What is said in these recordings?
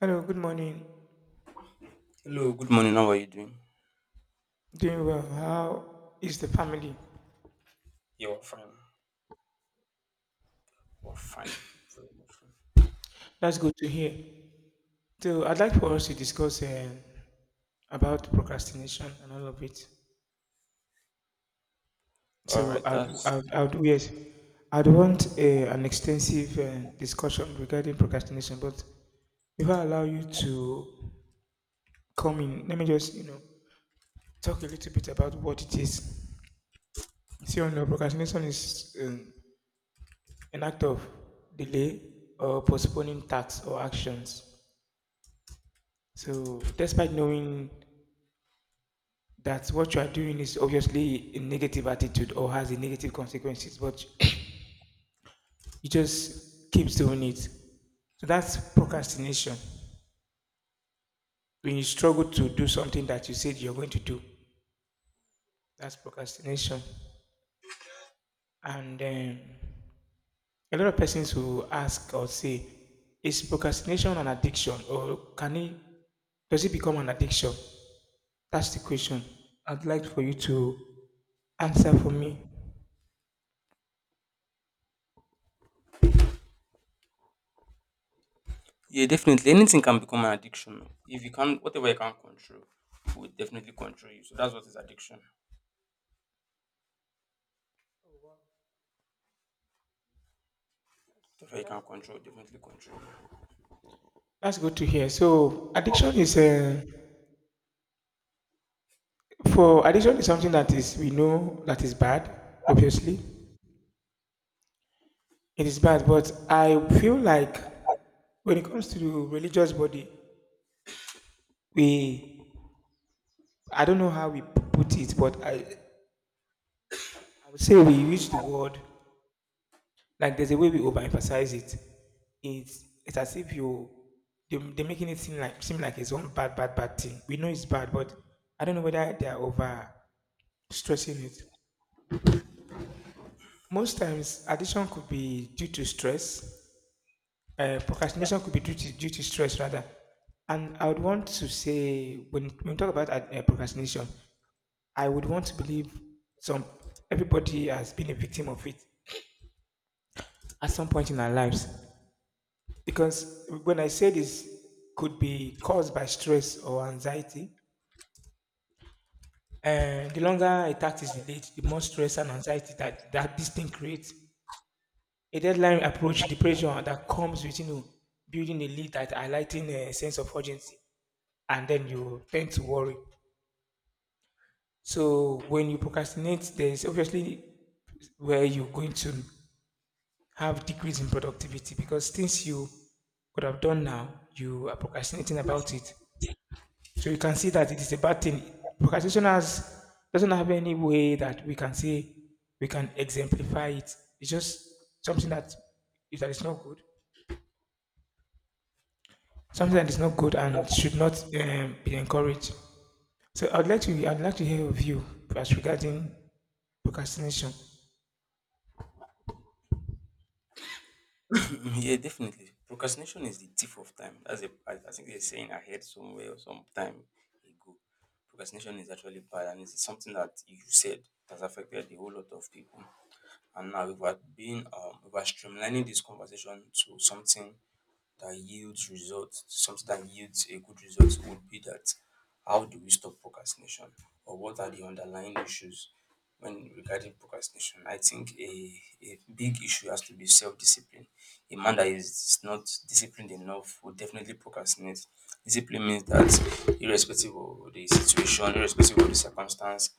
Hello, good morning. Hello, good morning. How are you doing? Doing well. How is the family? Yeah, we're fine. We're fine. Very much fine. That's good to hear. So, I'd like for us to discuss about procrastination and all of it. All So, right, I'd, that's I'd, I'd yes, I'd want an extensive discussion regarding procrastination. But if I allow you to come in, let me just talk a little bit about what it is. See, on procrastination is an act of delay or postponing tasks or actions. So, despite knowing that what you are doing is obviously a negative attitude or has a negative consequences, but you just keep doing it. So that's procrastination. When you struggle to do something that you said you're going to do, that's procrastination. And a lot of persons who ask or say, is procrastination an addiction, or can it does it become an addiction? That's the question. I'd like for you to answer for me. yeah, definitely. Anything can become an addiction. If you can, whatever you can control, will definitely control you. So that's what is addiction. Whatever you can That's cool. control, definitely control. You. That's good to hear. So addiction is for addiction is something that is we know that is bad. Obviously, it is bad. But I feel like when it comes to the religious body, we I don't know how we put it, but I would say we use the word, like there's a way we overemphasize it. It's as if you they're making it seem like it's one bad bad bad thing. We know it's bad, but I don't know whether they are over stressing it. Most times, addiction could be due to stress. Procrastination could be due to stress rather. And I would want to say when we talk about procrastination, I would want to believe some everybody has been a victim of it at some point in our lives. Because when I say this could be caused by stress or anxiety, and the longer a task is delayed, the more stress and anxiety that this thing creates. A deadline approach, the pressure that comes with building a lead that highlighting a sense of urgency, and then you tend to worry. So when you procrastinate, there is obviously where you're going to have decrease in productivity, because things you could have done now, you are procrastinating about it. So you can see that it is a bad thing. Procrastination has doesn't have any way that we can say we can exemplify it. It's just something that is not good, something that is not good and should not be encouraged. So I'd like to hear your view as regarding procrastination. yeah, definitely. Procrastination is the thief of time. I think they're saying ahead somewhere or sometime ago. Procrastination is actually bad, and it's something that you said that's affected a whole lot of people. And now we have been if we're streamlining this conversation to something that yields results, something that yields a good result would be that how do we stop procrastination or what are the underlying issues when regarding procrastination? I think a big issue has to be self-discipline. A man that is not disciplined enough will definitely procrastinate. Discipline means that irrespective of the situation, irrespective of the circumstance,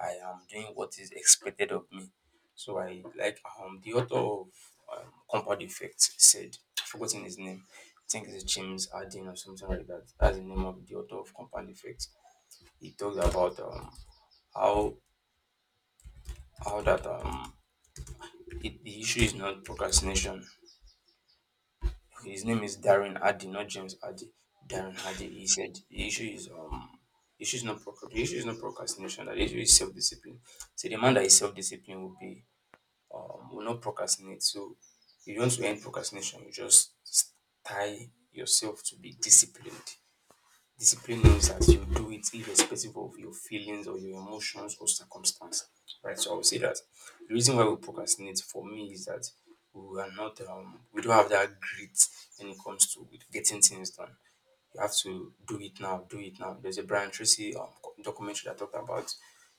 I am doing what is expected of me, so I like the author of Compound Effect said, I've forgotten his name. I think it's James Arden or something like that. That's the name of the author of Compound Effect. He talks about how how that the issue is not procrastination. His name is Darren Hardy, not James Hardy. Darren Hardy. He said the issue is not procra- the issue is not procrastination. That issue is self discipline. So the man that is self disciplined will be will not procrastinate. So you don't want to end procrastination, you just tie yourself to be disciplined. Discipline means that you do it irrespective of your feelings or your emotions or circumstance. Right. So I would say that the reason why we procrastinate for me is that we are not we don't have that grit when it comes to getting things done. You have to do it now, do it now. There's a Brian Tracy documentary that talked about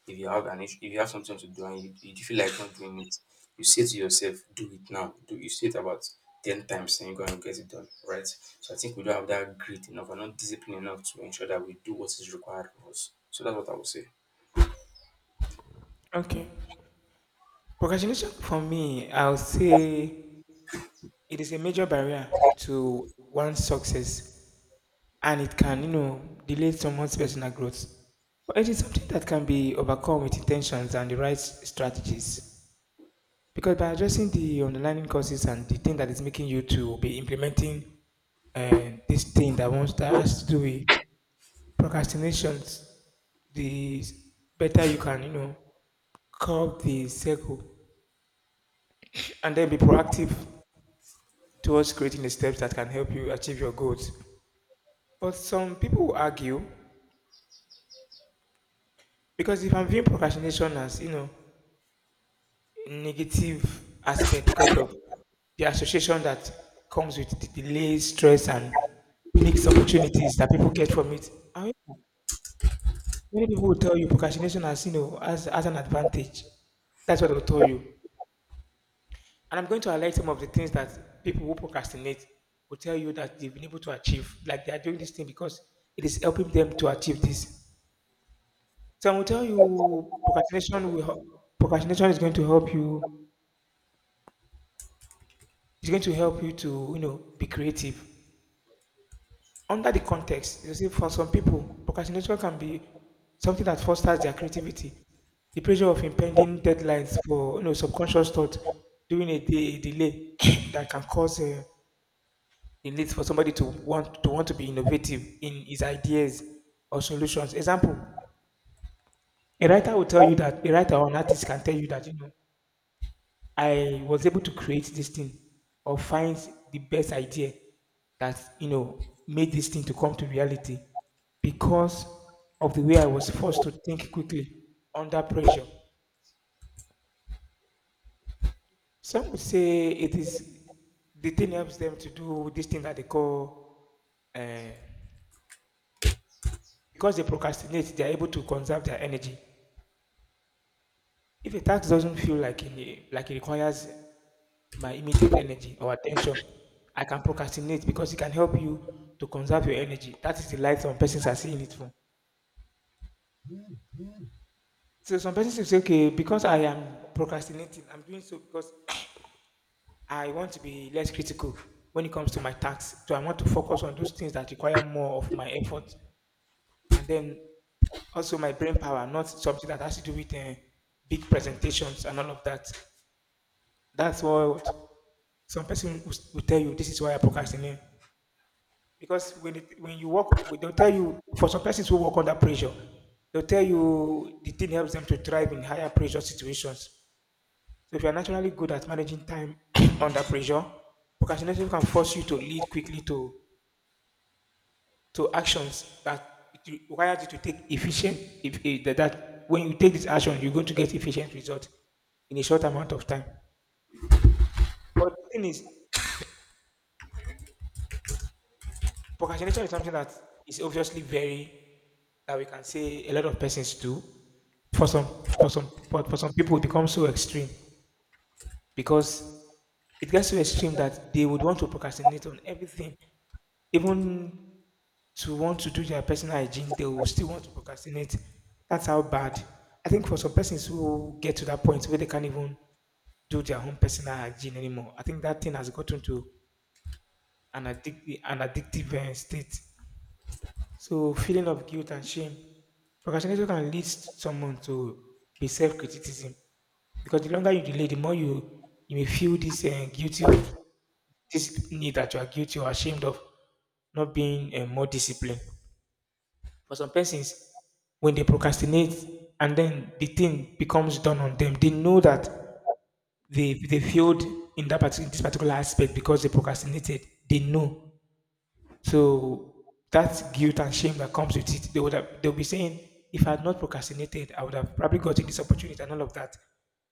if you have an issue, if you have something to do and you feel like not doing it, you say to yourself, do it now. Do you say it about 10 times and you're going to get it done, right? So I think we don't have that grit enough and not discipline enough to ensure that we do what is required of us. So that's what I would say. Okay, procrastination for me, I'll say it is a major barrier to one's success, and it can delay someone's personal growth. But it is something that can be overcome with intentions and the right strategies. Because by addressing the underlying causes and the thing that is making you to be implementing this thing that wants that has to do with procrastinations, the better you can, curb the circle and then be proactive towards creating the steps that can help you achieve your goals. But some people will argue, because if I'm viewing procrastination as, a negative aspect because of the association that comes with the delays, stress, and mixed opportunities that people get from it. I mean, many people will tell you procrastination as, you know, as an advantage. That's what they'll tell you. And I'm going to highlight some of the things that people who procrastinate will tell you that they've been able to achieve. Like they are doing this thing because it is helping them to achieve this. So I will tell you procrastination will help, procrastination is going to help you, it's going to help you to be creative. Under the context, you see for some people, procrastination can be something that fosters their creativity. The pressure of impending deadlines for subconscious thought during a day a delay that can cause it leads for somebody to want to be innovative in his ideas or solutions. Example, a writer will tell you that a writer or an artist can tell you that I was able to create this thing or find the best idea that made this thing to come to reality, because of the way I was forced to think quickly under pressure. Some would say it is the thing helps them to do this thing that they call. uh, Because they procrastinate, they are able to conserve their energy. If a task doesn't feel like it requires my immediate energy or attention, I can procrastinate because it can help you to conserve your energy. That is the light some persons are seeing it from. So some persons will say, okay, because I am procrastinating, I'm doing so because I want to be less critical when it comes to my tasks. So I want to focus on those things that require more of my effort. And then also my brain power, not something that has to do with big presentations and all of that. That's what some person will tell you. This is why I procrastinate. Because when you work, they'll tell you. For some persons who work under pressure, they'll tell you the thing helps them to thrive in higher pressure situations. So if you're naturally good at managing time under pressure, procrastination can force you to lead quickly to actions that it requires you to take efficient. If that when you take this action, you're going to get efficient results in a short amount of time. But the thing is, procrastination is something that is obviously very that we can say a lot of persons do. For some, for some people, it becomes so extreme, because it gets so extreme that they would want to procrastinate on everything, even to want to do their personal hygiene, they will still want to procrastinate. That's how bad. I think for some persons who get to that point where they can't even do their own personal hygiene anymore, I think that thing has gotten to an addictive state. So, feeling of guilt and shame. Procrastination can lead someone to be self-criticism, because the longer you delay, the more you may feel this guilty of this need that you are guilty or ashamed of not being more disciplined. For some persons, when they procrastinate and then the thing becomes done on them, they know that they failed in that particular this particular aspect because they procrastinated. They know. So that guilt and shame that comes with it, they would have they'll be saying, if I had not procrastinated, I would have probably gotten this opportunity and all of that.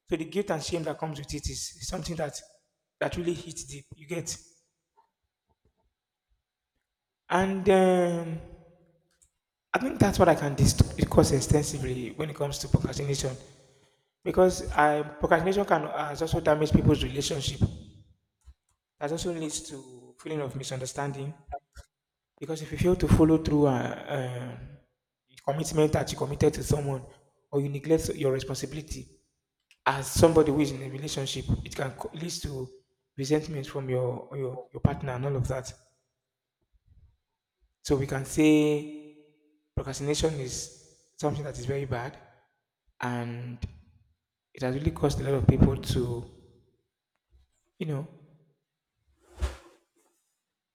So the guilt and shame that comes with it is something that really hits deep. You get, and I think that's what I can discuss extensively when it comes to procrastination, because procrastination can has also damage people's relationship. That also leads to feeling of misunderstanding. Because if you fail to follow through a um, commitment that you committed to someone, or you neglect your responsibility as somebody who is in a relationship, it can lead to resentment from your partner and all of that. So we can say procrastination is something that is very bad, and it has really caused a lot of people to you know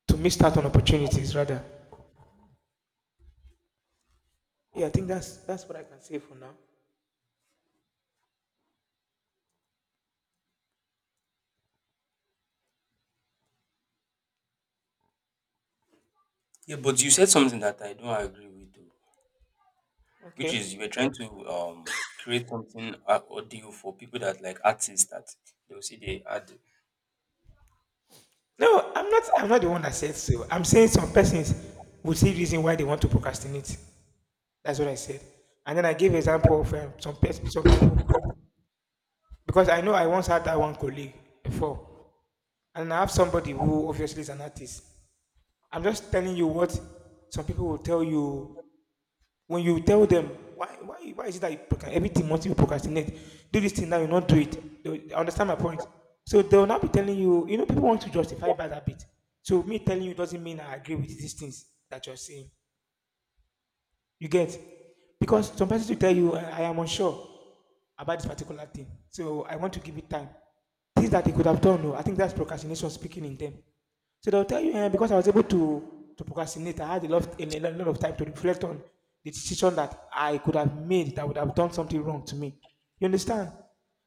miss out on opportunities rather. Yeah, I think that's what I can say for now. Yeah, but you said something that I don't agree with, though, which Okay. is you were trying to create something audio for people that like artists that they will see they add. No, I'm not. I'm not the one that said so. I'm saying some persons would see reason why they want to procrastinate. That's what I said. And then I gave example of some people, because I know I once had that one colleague before, and I have somebody who obviously is an artist. I'm just telling you what some people will tell you when you tell them, why is it that everything must you procrastinate, do this thing now, you not do it, understand my point. So they will not be telling you, you know people want to justify bad habit. So me telling you doesn't mean I agree with these things that you're saying. You get. Because some persons will tell you I am unsure about this particular thing, so I want to give it time, things that they could have done. No, I think that's procrastination speaking in them. So they'll tell you, because I was able to procrastinate, I had a lot of time to reflect on the decision that I could have made that would have done something wrong to me. You understand?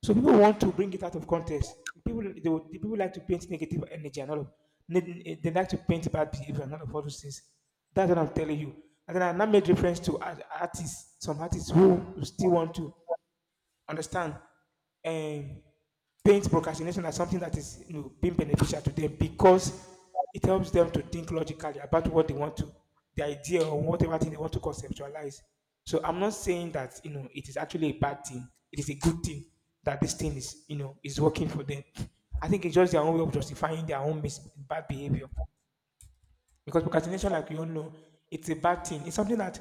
So people want to bring it out of context. The people like to paint negative energy and all of, they like to paint bad behavior and all of all those things. That's what I'm telling you. And then I now made reference to artists, some artists who still want to understand, um, paint procrastination as something that is, you know, being beneficial to them because it helps them to think logically about what they want to, the idea or whatever thing they want to conceptualize. So I'm not saying that, you know, it is actually a bad thing. It is a good thing that this thing is, you know, is working for them. I think it's just their own way of justifying their own bad behavior. Because procrastination, like we all know, it's a bad thing. It's something that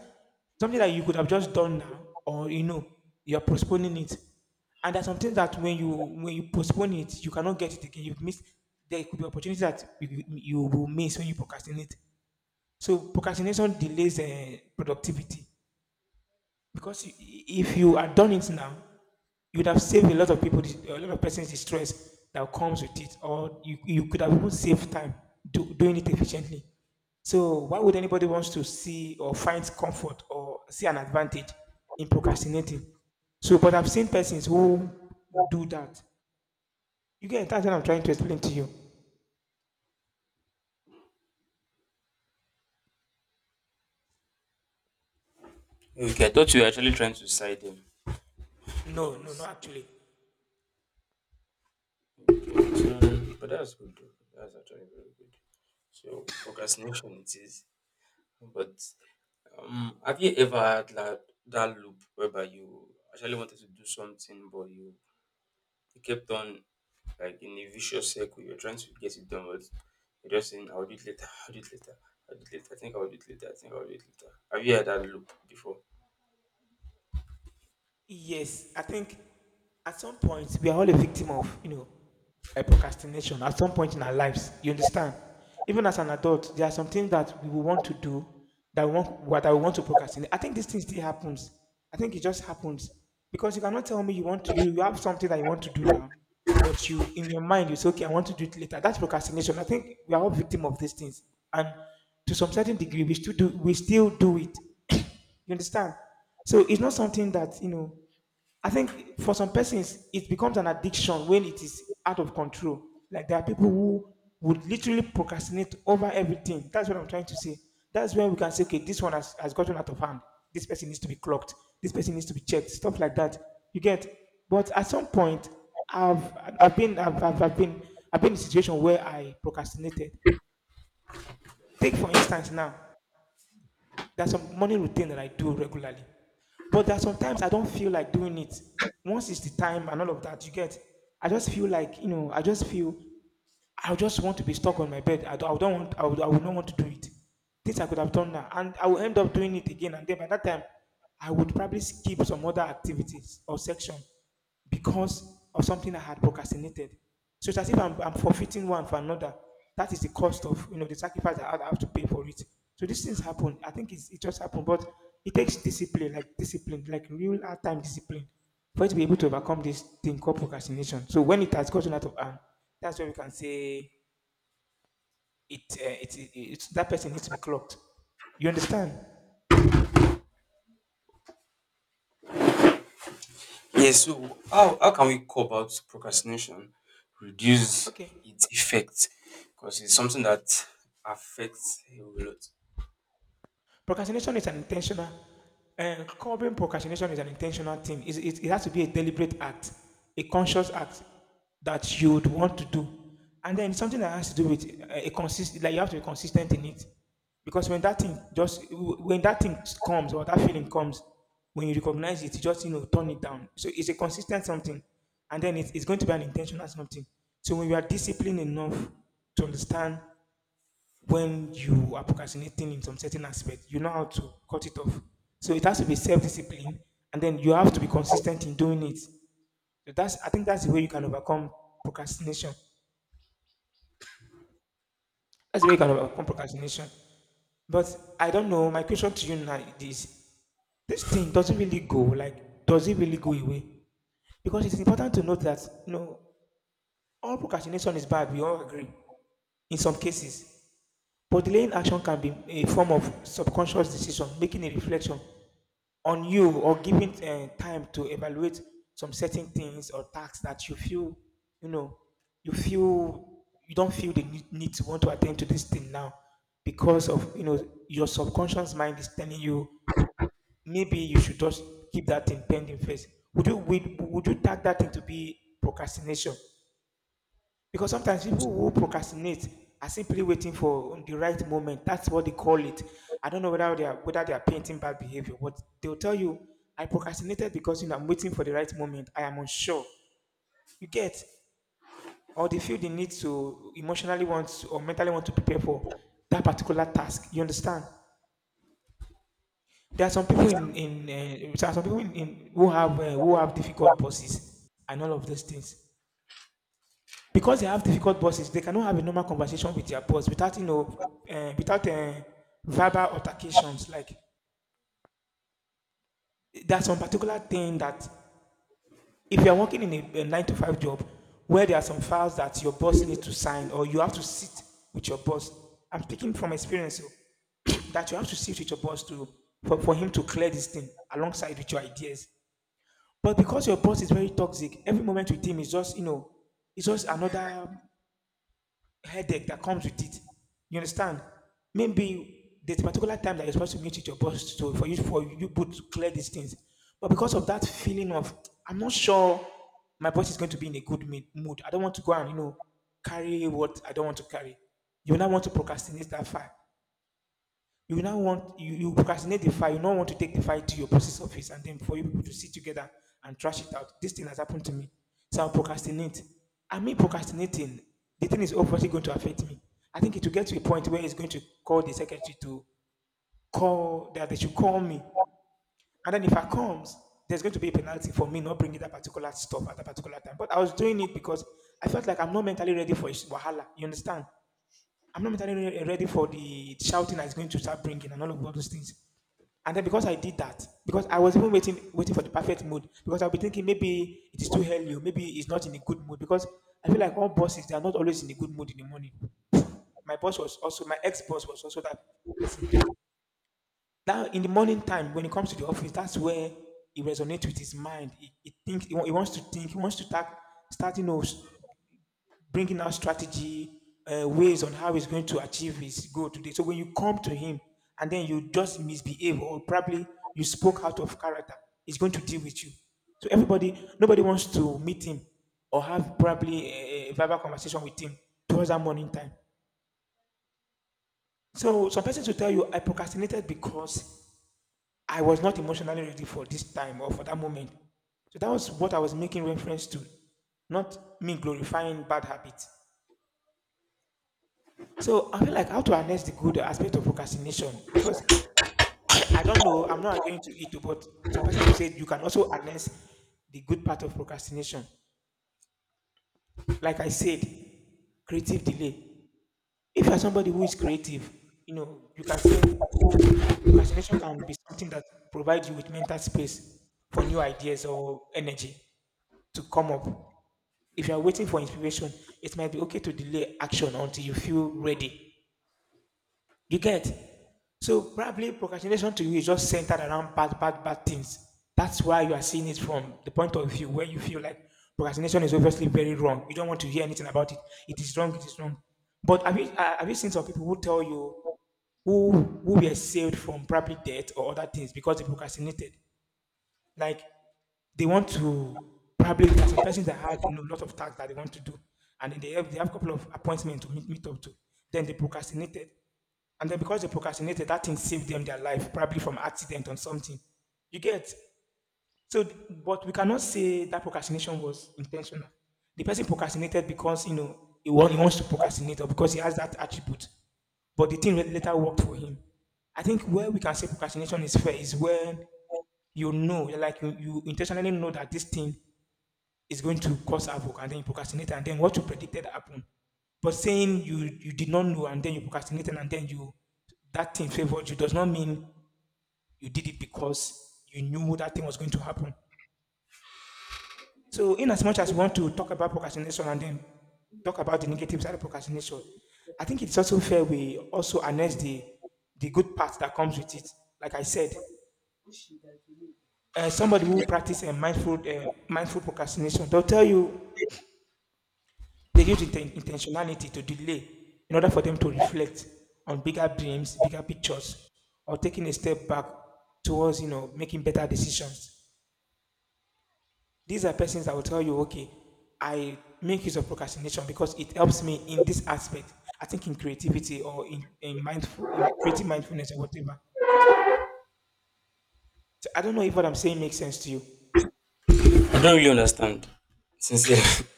something that you could have just done now, or, you know, you're postponing it. And there's something that when you postpone it, you cannot get it again. You've missed. There could be opportunities that you will miss when you procrastinate. So procrastination delays productivity. Because i- if you had done it now, you'd have saved a lot of people, a lot of persons the stress that comes with it, or you could have even saved time doing it efficiently. So why would anybody wants to see or find comfort or see an advantage in procrastinating? So, but I've seen persons who do that. You get, that's what I'm trying to explain to you. Okay, I thought you were actually trying to side him, which No, no, is not actually. so, but that's good. Though. That's actually very good. So procrastination it is. But have you ever had that loop whereby you actually wanted to do something, but you kept on like in a vicious circle? You're trying to get it done, but you're just saying, "I'll do it later. I'll do it later. I'll do it later. I think I'll do it later. I think I'll do it later." Have you had that loop before? Yes, I think at some point we are all a victim of, you know, a procrastination at some point in our lives. You understand? Even as an adult, there are some things that we will want to do that we want what I want to procrastinate. I think this thing still happens. I think it just happens because you cannot tell me you want to, you have something that you want to do now, but you in your mind you say, okay, I want to do it later. That's procrastination. I think we are all victim of these things, and to some certain degree we still do it. You understand? So it's not something that, you know, I think for some persons, it becomes an addiction when it is out of control. Like there are people who would literally procrastinate over everything. That's what I'm trying to say. That's when we can say, okay, this one has gotten out of hand. This person needs to be clocked. This person needs to be checked. Stuff like that. You get. But at some point, I've I've been I've, I've, I've been I've been in a situation where I procrastinated. Take for instance now. There's some morning routine that I do regularly. But there are sometimes I don't feel like doing it. Once it's the time and all of that, you get, I just feel like, you know, I just want to be stuck on my bed. I don't want, I would not want to do it. Things I could have done now. And I will end up doing it again. And then by that time, I would probably skip some other activities or section because of something I had procrastinated. So it's as if I'm forfeiting one for another. That is the cost of, you know, the sacrifice that I have to pay for it. So these things happen. I think it just happened, but it takes discipline, like real hard time discipline, for you to be able to overcome this thing called procrastination. So when it has gotten out of hand, that's when we can say it. It's that person needs to be clocked. You understand? Yeah, so how can we go about procrastination, reduce Okay. its effect? Because it's something that affects a whole lot. Procrastination is an intentional, and curbing procrastination is an intentional thing. It it has to be a deliberate act, a conscious act that you would want to do. And then something that has to do with a like you have to be consistent in it. Because when that thing comes or that feeling comes, when you recognize it, you just, you know, turn it down. So it's a consistent something. And then it's going to be an intentional something. So when you are disciplined enough to understand when you are procrastinating in some certain aspect, you know how to cut it off. So it has to be self-discipline, and then you have to be consistent in doing it. So that's I think that's the way you can overcome procrastination. That's the way you can overcome procrastination. But I don't know. My question to you now is: this thing does not really go? Like, does it really go away? Because it's important to note that, you know, all procrastination is bad. We all agree in some cases. But delaying action can be a form of subconscious decision, making a reflection on you or giving time to evaluate some certain things or tasks that you feel, you know, you feel you don't feel the need to want to attend to this thing now because of, you know, your subconscious mind is telling you maybe you should just keep that thing pending first. Would you tag that thing to be procrastination, because sometimes people who procrastinate are simply waiting for the right moment. That's what they call it. I don't know whether they are painting bad behavior, but they'll tell you, I procrastinated because, you know, I'm waiting for the right moment. I am unsure. You get, or they feel the need to or mentally want to prepare for that particular task. You understand? There are some people Yes. In there are some people in who have difficult bosses and all of those things. Because they have difficult bosses, they cannot have a normal conversation with their boss without, you know, without verbal altercations. Like there's some particular thing that if you are working in a 9 to 5 job where there are some files that your boss needs to sign or you have to sit with your boss. I'm speaking from experience, oh, that you have to sit with your boss to, for him to clear this thing alongside with your ideas. But because your boss is very toxic, every moment with him is just, you know, it's just another headache that comes with it. You understand? Maybe there's a particular time that you're supposed to meet with your boss to for you to clear these things. But because of that feeling of I'm not sure my boss is going to be in a good mood. I don't want to go and, you know, carry what I don't want to carry. You will not want to procrastinate that far. You procrastinate the file. You don't want to take the file to your process office and then for you people to sit together and trash it out. This thing has happened to me, so I procrastinate. I mean procrastinating. The thing is obviously going to affect me. I think it will get to a point where it's going to call the secretary to call that they should call me, and then if I comes, there's going to be a penalty for me not bringing that particular stuff at that particular time. But I was doing it because I felt like I'm not mentally ready for it. Wahala, you understand? I'm not mentally ready for the shouting that's going to start bringing and all of all those things. And then because I did that, because I was even waiting for the perfect mood, because I'll be thinking maybe it is too early, or maybe it's not in a good mood, because I feel like all bosses they are not always in a good mood in the morning. My ex boss was also that person. Now in the morning time, when it comes to the office, that's where it resonates with his mind. He wants to think, he wants to start, you know, bringing out strategy, ways on how he's going to achieve his goal today. So when you come to him and then you just misbehave or probably you spoke out of character, he's going to deal with you. So nobody wants to meet him or have probably a verbal conversation with him towards that morning time. So some persons will tell you, I procrastinated because I was not emotionally ready for this time or for that moment. So that was what I was making reference to, not me glorifying bad habits. So I feel like how to harness the good aspect of procrastination because I don't know, I'm not agreeing to it, but some persons will say you can also harness the good part of procrastination. Like I said, creative delay. If you're somebody who is creative, you know, you can say procrastination can be something that provides you with mental space for new ideas or energy to come up. If you're waiting for inspiration, it might be okay to delay action until you feel ready. You get? So probably procrastination to you is just centered around bad things. That's why you are seeing it from the point of view where you feel like procrastination is obviously very wrong. You don't want to hear anything about it. It is wrong. It is wrong. But have you seen some people who tell you who who were saved from probably death or other things because they procrastinated? Like they want to probably there are some persons that have, you know, a lot of tasks that they want to do, and then they have a couple of appointments to meet up to. Then they procrastinated. And then because they procrastinated, that thing saved them their life, probably from accident or something. You get? So, but we cannot say that procrastination was intentional. The person procrastinated because, you know, he wants to procrastinate or because he has that attribute. But the thing later worked for him. I think where we can say procrastination is fair is when, you know, you intentionally know that this thing is going to cause havoc and then you procrastinate and then what you predicted happened. But saying you did not know and then you procrastinated and then you that thing favored you does not mean you did it because you knew that thing was going to happen. So in as much as we want to talk about procrastination and then talk about the negative side of procrastination, I think it's also fair we also harness the good parts that comes with it. Like I said, somebody who practice a mindful mindful procrastination, they'll tell you they use intentionality to delay in order for them to reflect on bigger dreams, bigger pictures, or taking a step back towards, you know, making better decisions. These are persons that will tell you, okay, I make use of procrastination because it helps me in this aspect. I think in creativity or in mindful, in creative mindfulness or whatever. So I don't know if what I'm saying makes sense to you. I don't really understand. Sincerely,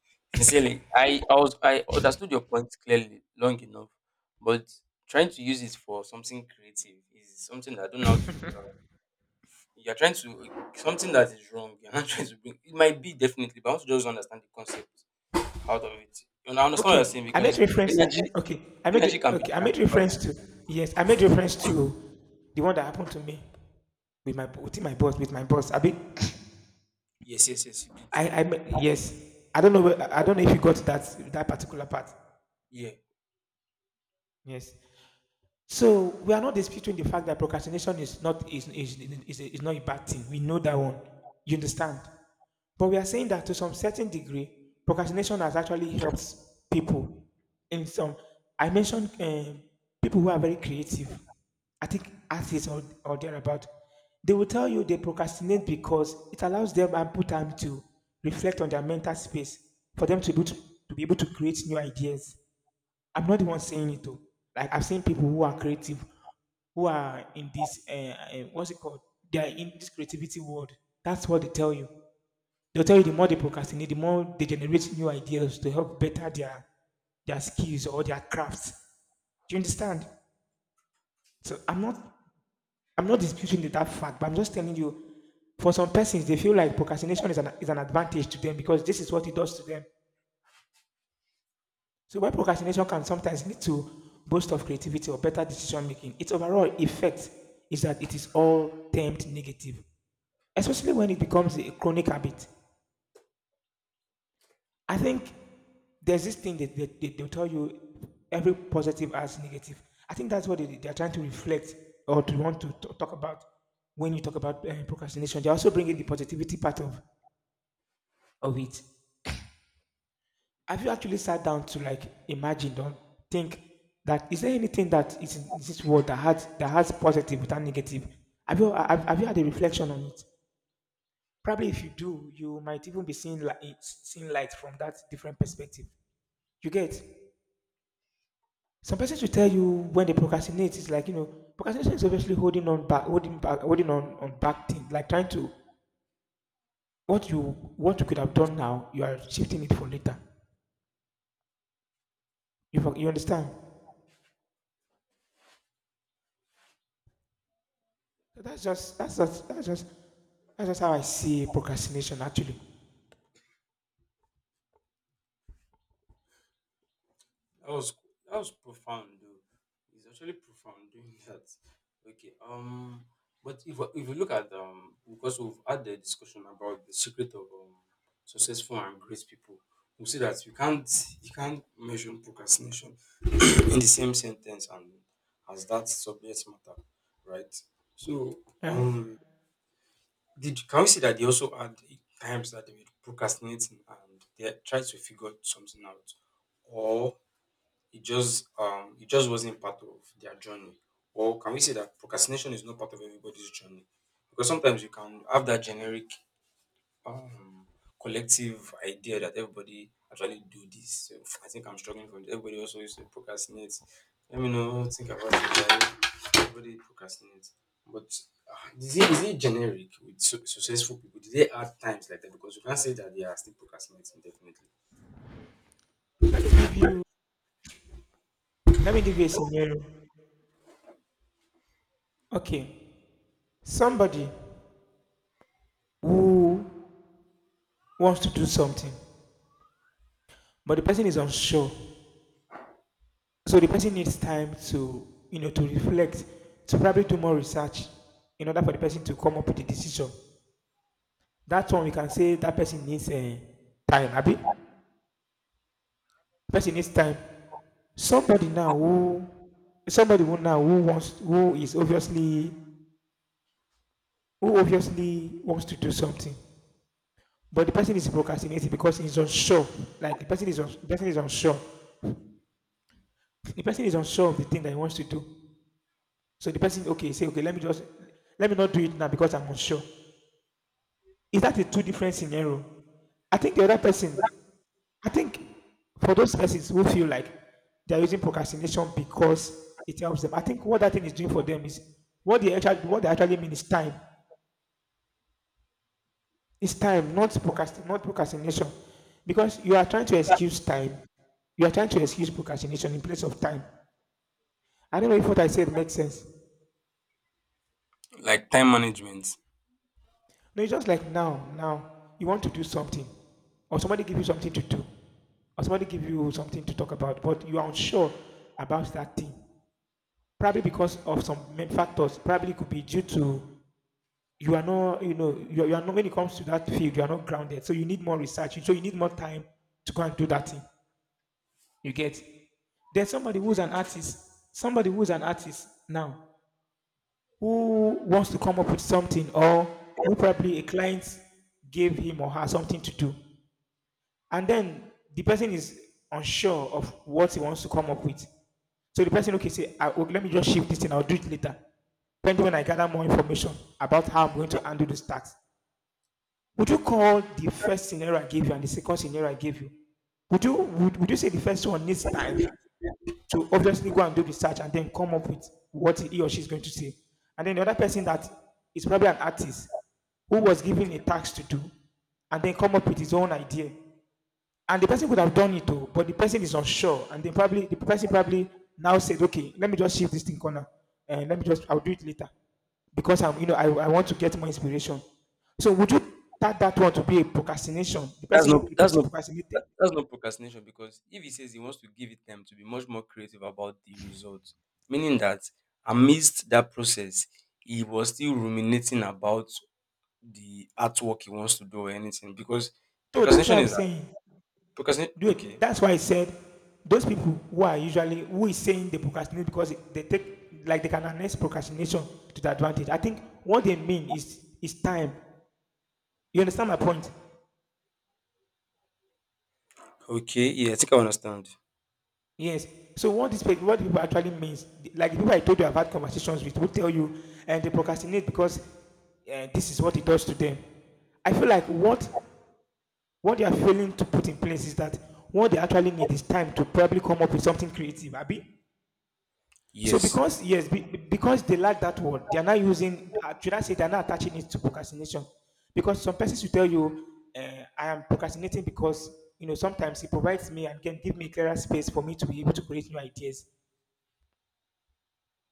sincerely, I understood your point clearly long enough, but trying to use it for something creative is something that I don't know how to. You're trying to something that is wrong. You're not trying to bring. It might be definitely, but I want to just understand the concept. Out of it. And I understand what you're Okay, saying I made because reference. energy Okay, energy can be I made transferred. reference to, yes, I made reference to the one that happened to me with my with my boss. Abi, Yes, yes, yes, you did too. Yes, I don't know I don't know if you got that particular part. Yeah. Yes. So we are not disputing the fact that procrastination is not is, is not a bad thing. We know that one. You understand? But we are saying that to some certain degree, procrastination has actually helped people. In some, I mentioned people who are very creative. I think artists or thereabout. They will tell you they procrastinate because it allows them ample time to reflect on their mental space for them to be able to create new ideas. I'm not the one saying it though. Like I've seen people who are creative, who are in this what's it called? They are in this creativity world. That's what they tell you. They'll tell you the more they procrastinate, the more they generate new ideas to help better their skills or their crafts. Do you understand? So I'm not disputing that fact, but I'm just telling you, for some persons, they feel like procrastination is an advantage to them because this is what it does to them. So while procrastination can sometimes lead to burst of creativity or better decision making, its overall effect is that it is all termed negative, especially when it becomes a chronic habit. I think there's this thing that they'll tell you every positive has negative. I think that's what they're trying to reflect or to want to talk about when you talk about procrastination. They are also bringing the positivity part of it. Have you actually sat down to like imagine or think that is there anything that is in this world that has positive without negative? Have have you had a reflection on it? Probably if you do, you might even be seeing light from that different perspective. You get, some persons will tell you when they procrastinate, it's like, you know, procrastination is obviously holding on back things like trying to what you what you could have done now, you are shifting it for later. You understand? So that's just how I see procrastination actually. That was that was profound though. It's actually profound doing that. Okay. But if you look at because we've had the discussion about the secret of successful and great people, we see that you can't measure procrastination in the same sentence and as that subject matter, right? So Yeah. um Did can we see that they also had times that they were procrastinating and they had tried to figure something out, or it just wasn't part of their journey? Or can we say that procrastination is not part of everybody's journey? Because sometimes you can have that generic um, collective idea that everybody actually do this. So I think I'm struggling from this. Everybody also used to procrastinate. Let me know. Think about it. Like, Everybody procrastinates. But is it generic with successful people? Do they add times like that? Because you can't say that they are still procrastinating. Definitely. Let me give you Let me give you a scenario. Okay. Somebody who wants to do something, but the person is unsure. So the person needs time to, you know, to reflect, to probably do more research in order for the person to come up with a decision. That's when we can say that person needs time, Abi. Person needs time. Somebody now who somebody who now who wants who is obviously who obviously wants to do something, but the person is procrastinating because he's unsure. Like the person the person is unsure. The person is unsure of the thing that he wants to do. So the person okay say okay let me just let me not do it now because I'm unsure. Is that a two different scenario? I think the other person. I think for those persons who feel like they're using procrastination because it helps them. I think what that thing is doing for them is what they actually mean is time. It's time, not not procrastination. Because you are trying to excuse time. You are trying to excuse procrastination in place of time. I don't know if what I said makes sense. Like time management. No, it's just like now, you want to do something. Or somebody give you something to do. Or somebody give you something to talk about, but you are unsure about that thing. Probably because of some main factors. Probably it could be due to you are not, you know, you are not when it comes to that field, you are not grounded. So you need more research. So you need more time to go and do that thing. You get? There's somebody who's an artist, somebody who's an artist now who wants to come up with something or who probably a client gave him or her something to do. And then the person is unsure of what he wants to come up with. So the person, okay, say, I, oh, let me just shift this thing, I'll do it later. Depending when I gather more information about how I'm going to handle this task. Would you call the first scenario I gave you and the second scenario I gave you? Would you say the first one needs time to obviously go and do research and then come up with what he or she is going to say. And then the other person that is probably an artist who was given a task to do and then come up with his own idea. And the person could have done it too, but the person is unsure. And then probably the person probably now said, okay, let me just shift this thing corner and let me just, I'll do it later because I'm, you know, I want to get more inspiration. So would you that one to be a procrastination? That's not The that's person not procrastinated. That's not procrastination because if he says he wants to give it time to be much more creative about the results, meaning that amidst that process, he was still ruminating about the artwork he wants to do or anything because So that's what procrastination I'm is saying. procrastination. Do it. Okay, That's why I'm- I said those people who are usually who is saying they procrastinate because they take like they can harness procrastination to the advantage. I think what they mean is time. You understand my point? okay, yeah, I think I understand. Yes. So what this what people actually means, like the people I told you I've had conversations with, will tell you and they procrastinate because this is what it does to them. I feel like what they are failing to put in place is that what they actually need is time to probably come up with something creative. Abi, so Yes, because yes, because they lack that word, they are not using. Should I say they are not attaching it to procrastination? Because some persons will tell you, "I am procrastinating because, you know, sometimes it provides me and can give me clearer space for me to be able to create new ideas."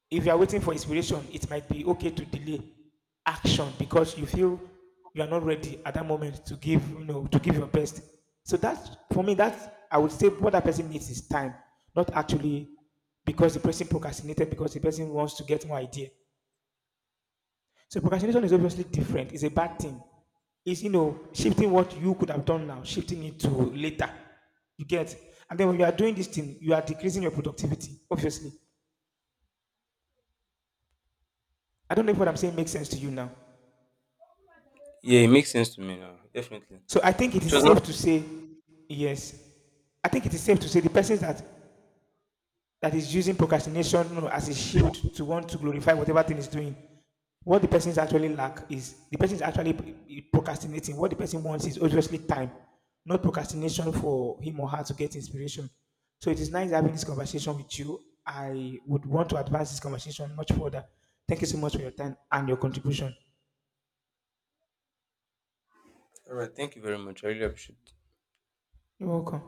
If you are waiting for inspiration, it might be okay to delay action because you feel you are not ready at that moment to give, you know, to give your best. So that for me, that I would say what that person needs is time, not actually because the person procrastinated because the person wants to get more idea. So procrastination is obviously different. It's a bad thing. It's, you know, shifting what you could have done now, shifting it to later. You get, and then when you are doing this thing, you are decreasing your productivity. Obviously, I don't know if what I'm saying makes sense to you now. yeah, it makes sense to me now, definitely. So I think it It is was not safe to say, yes, I think it is safe to say the person that is using procrastination, you know, as a shield to want to glorify whatever thing is doing, what the person is actually lack is the person is actually procrastinating. What the person wants is obviously time, not procrastination for him or her to get inspiration. So it is nice having this conversation with you. I would want to advance this conversation much further. Thank you so much for your time and your contribution. all right. Thank you very much. I really appreciate. You're welcome.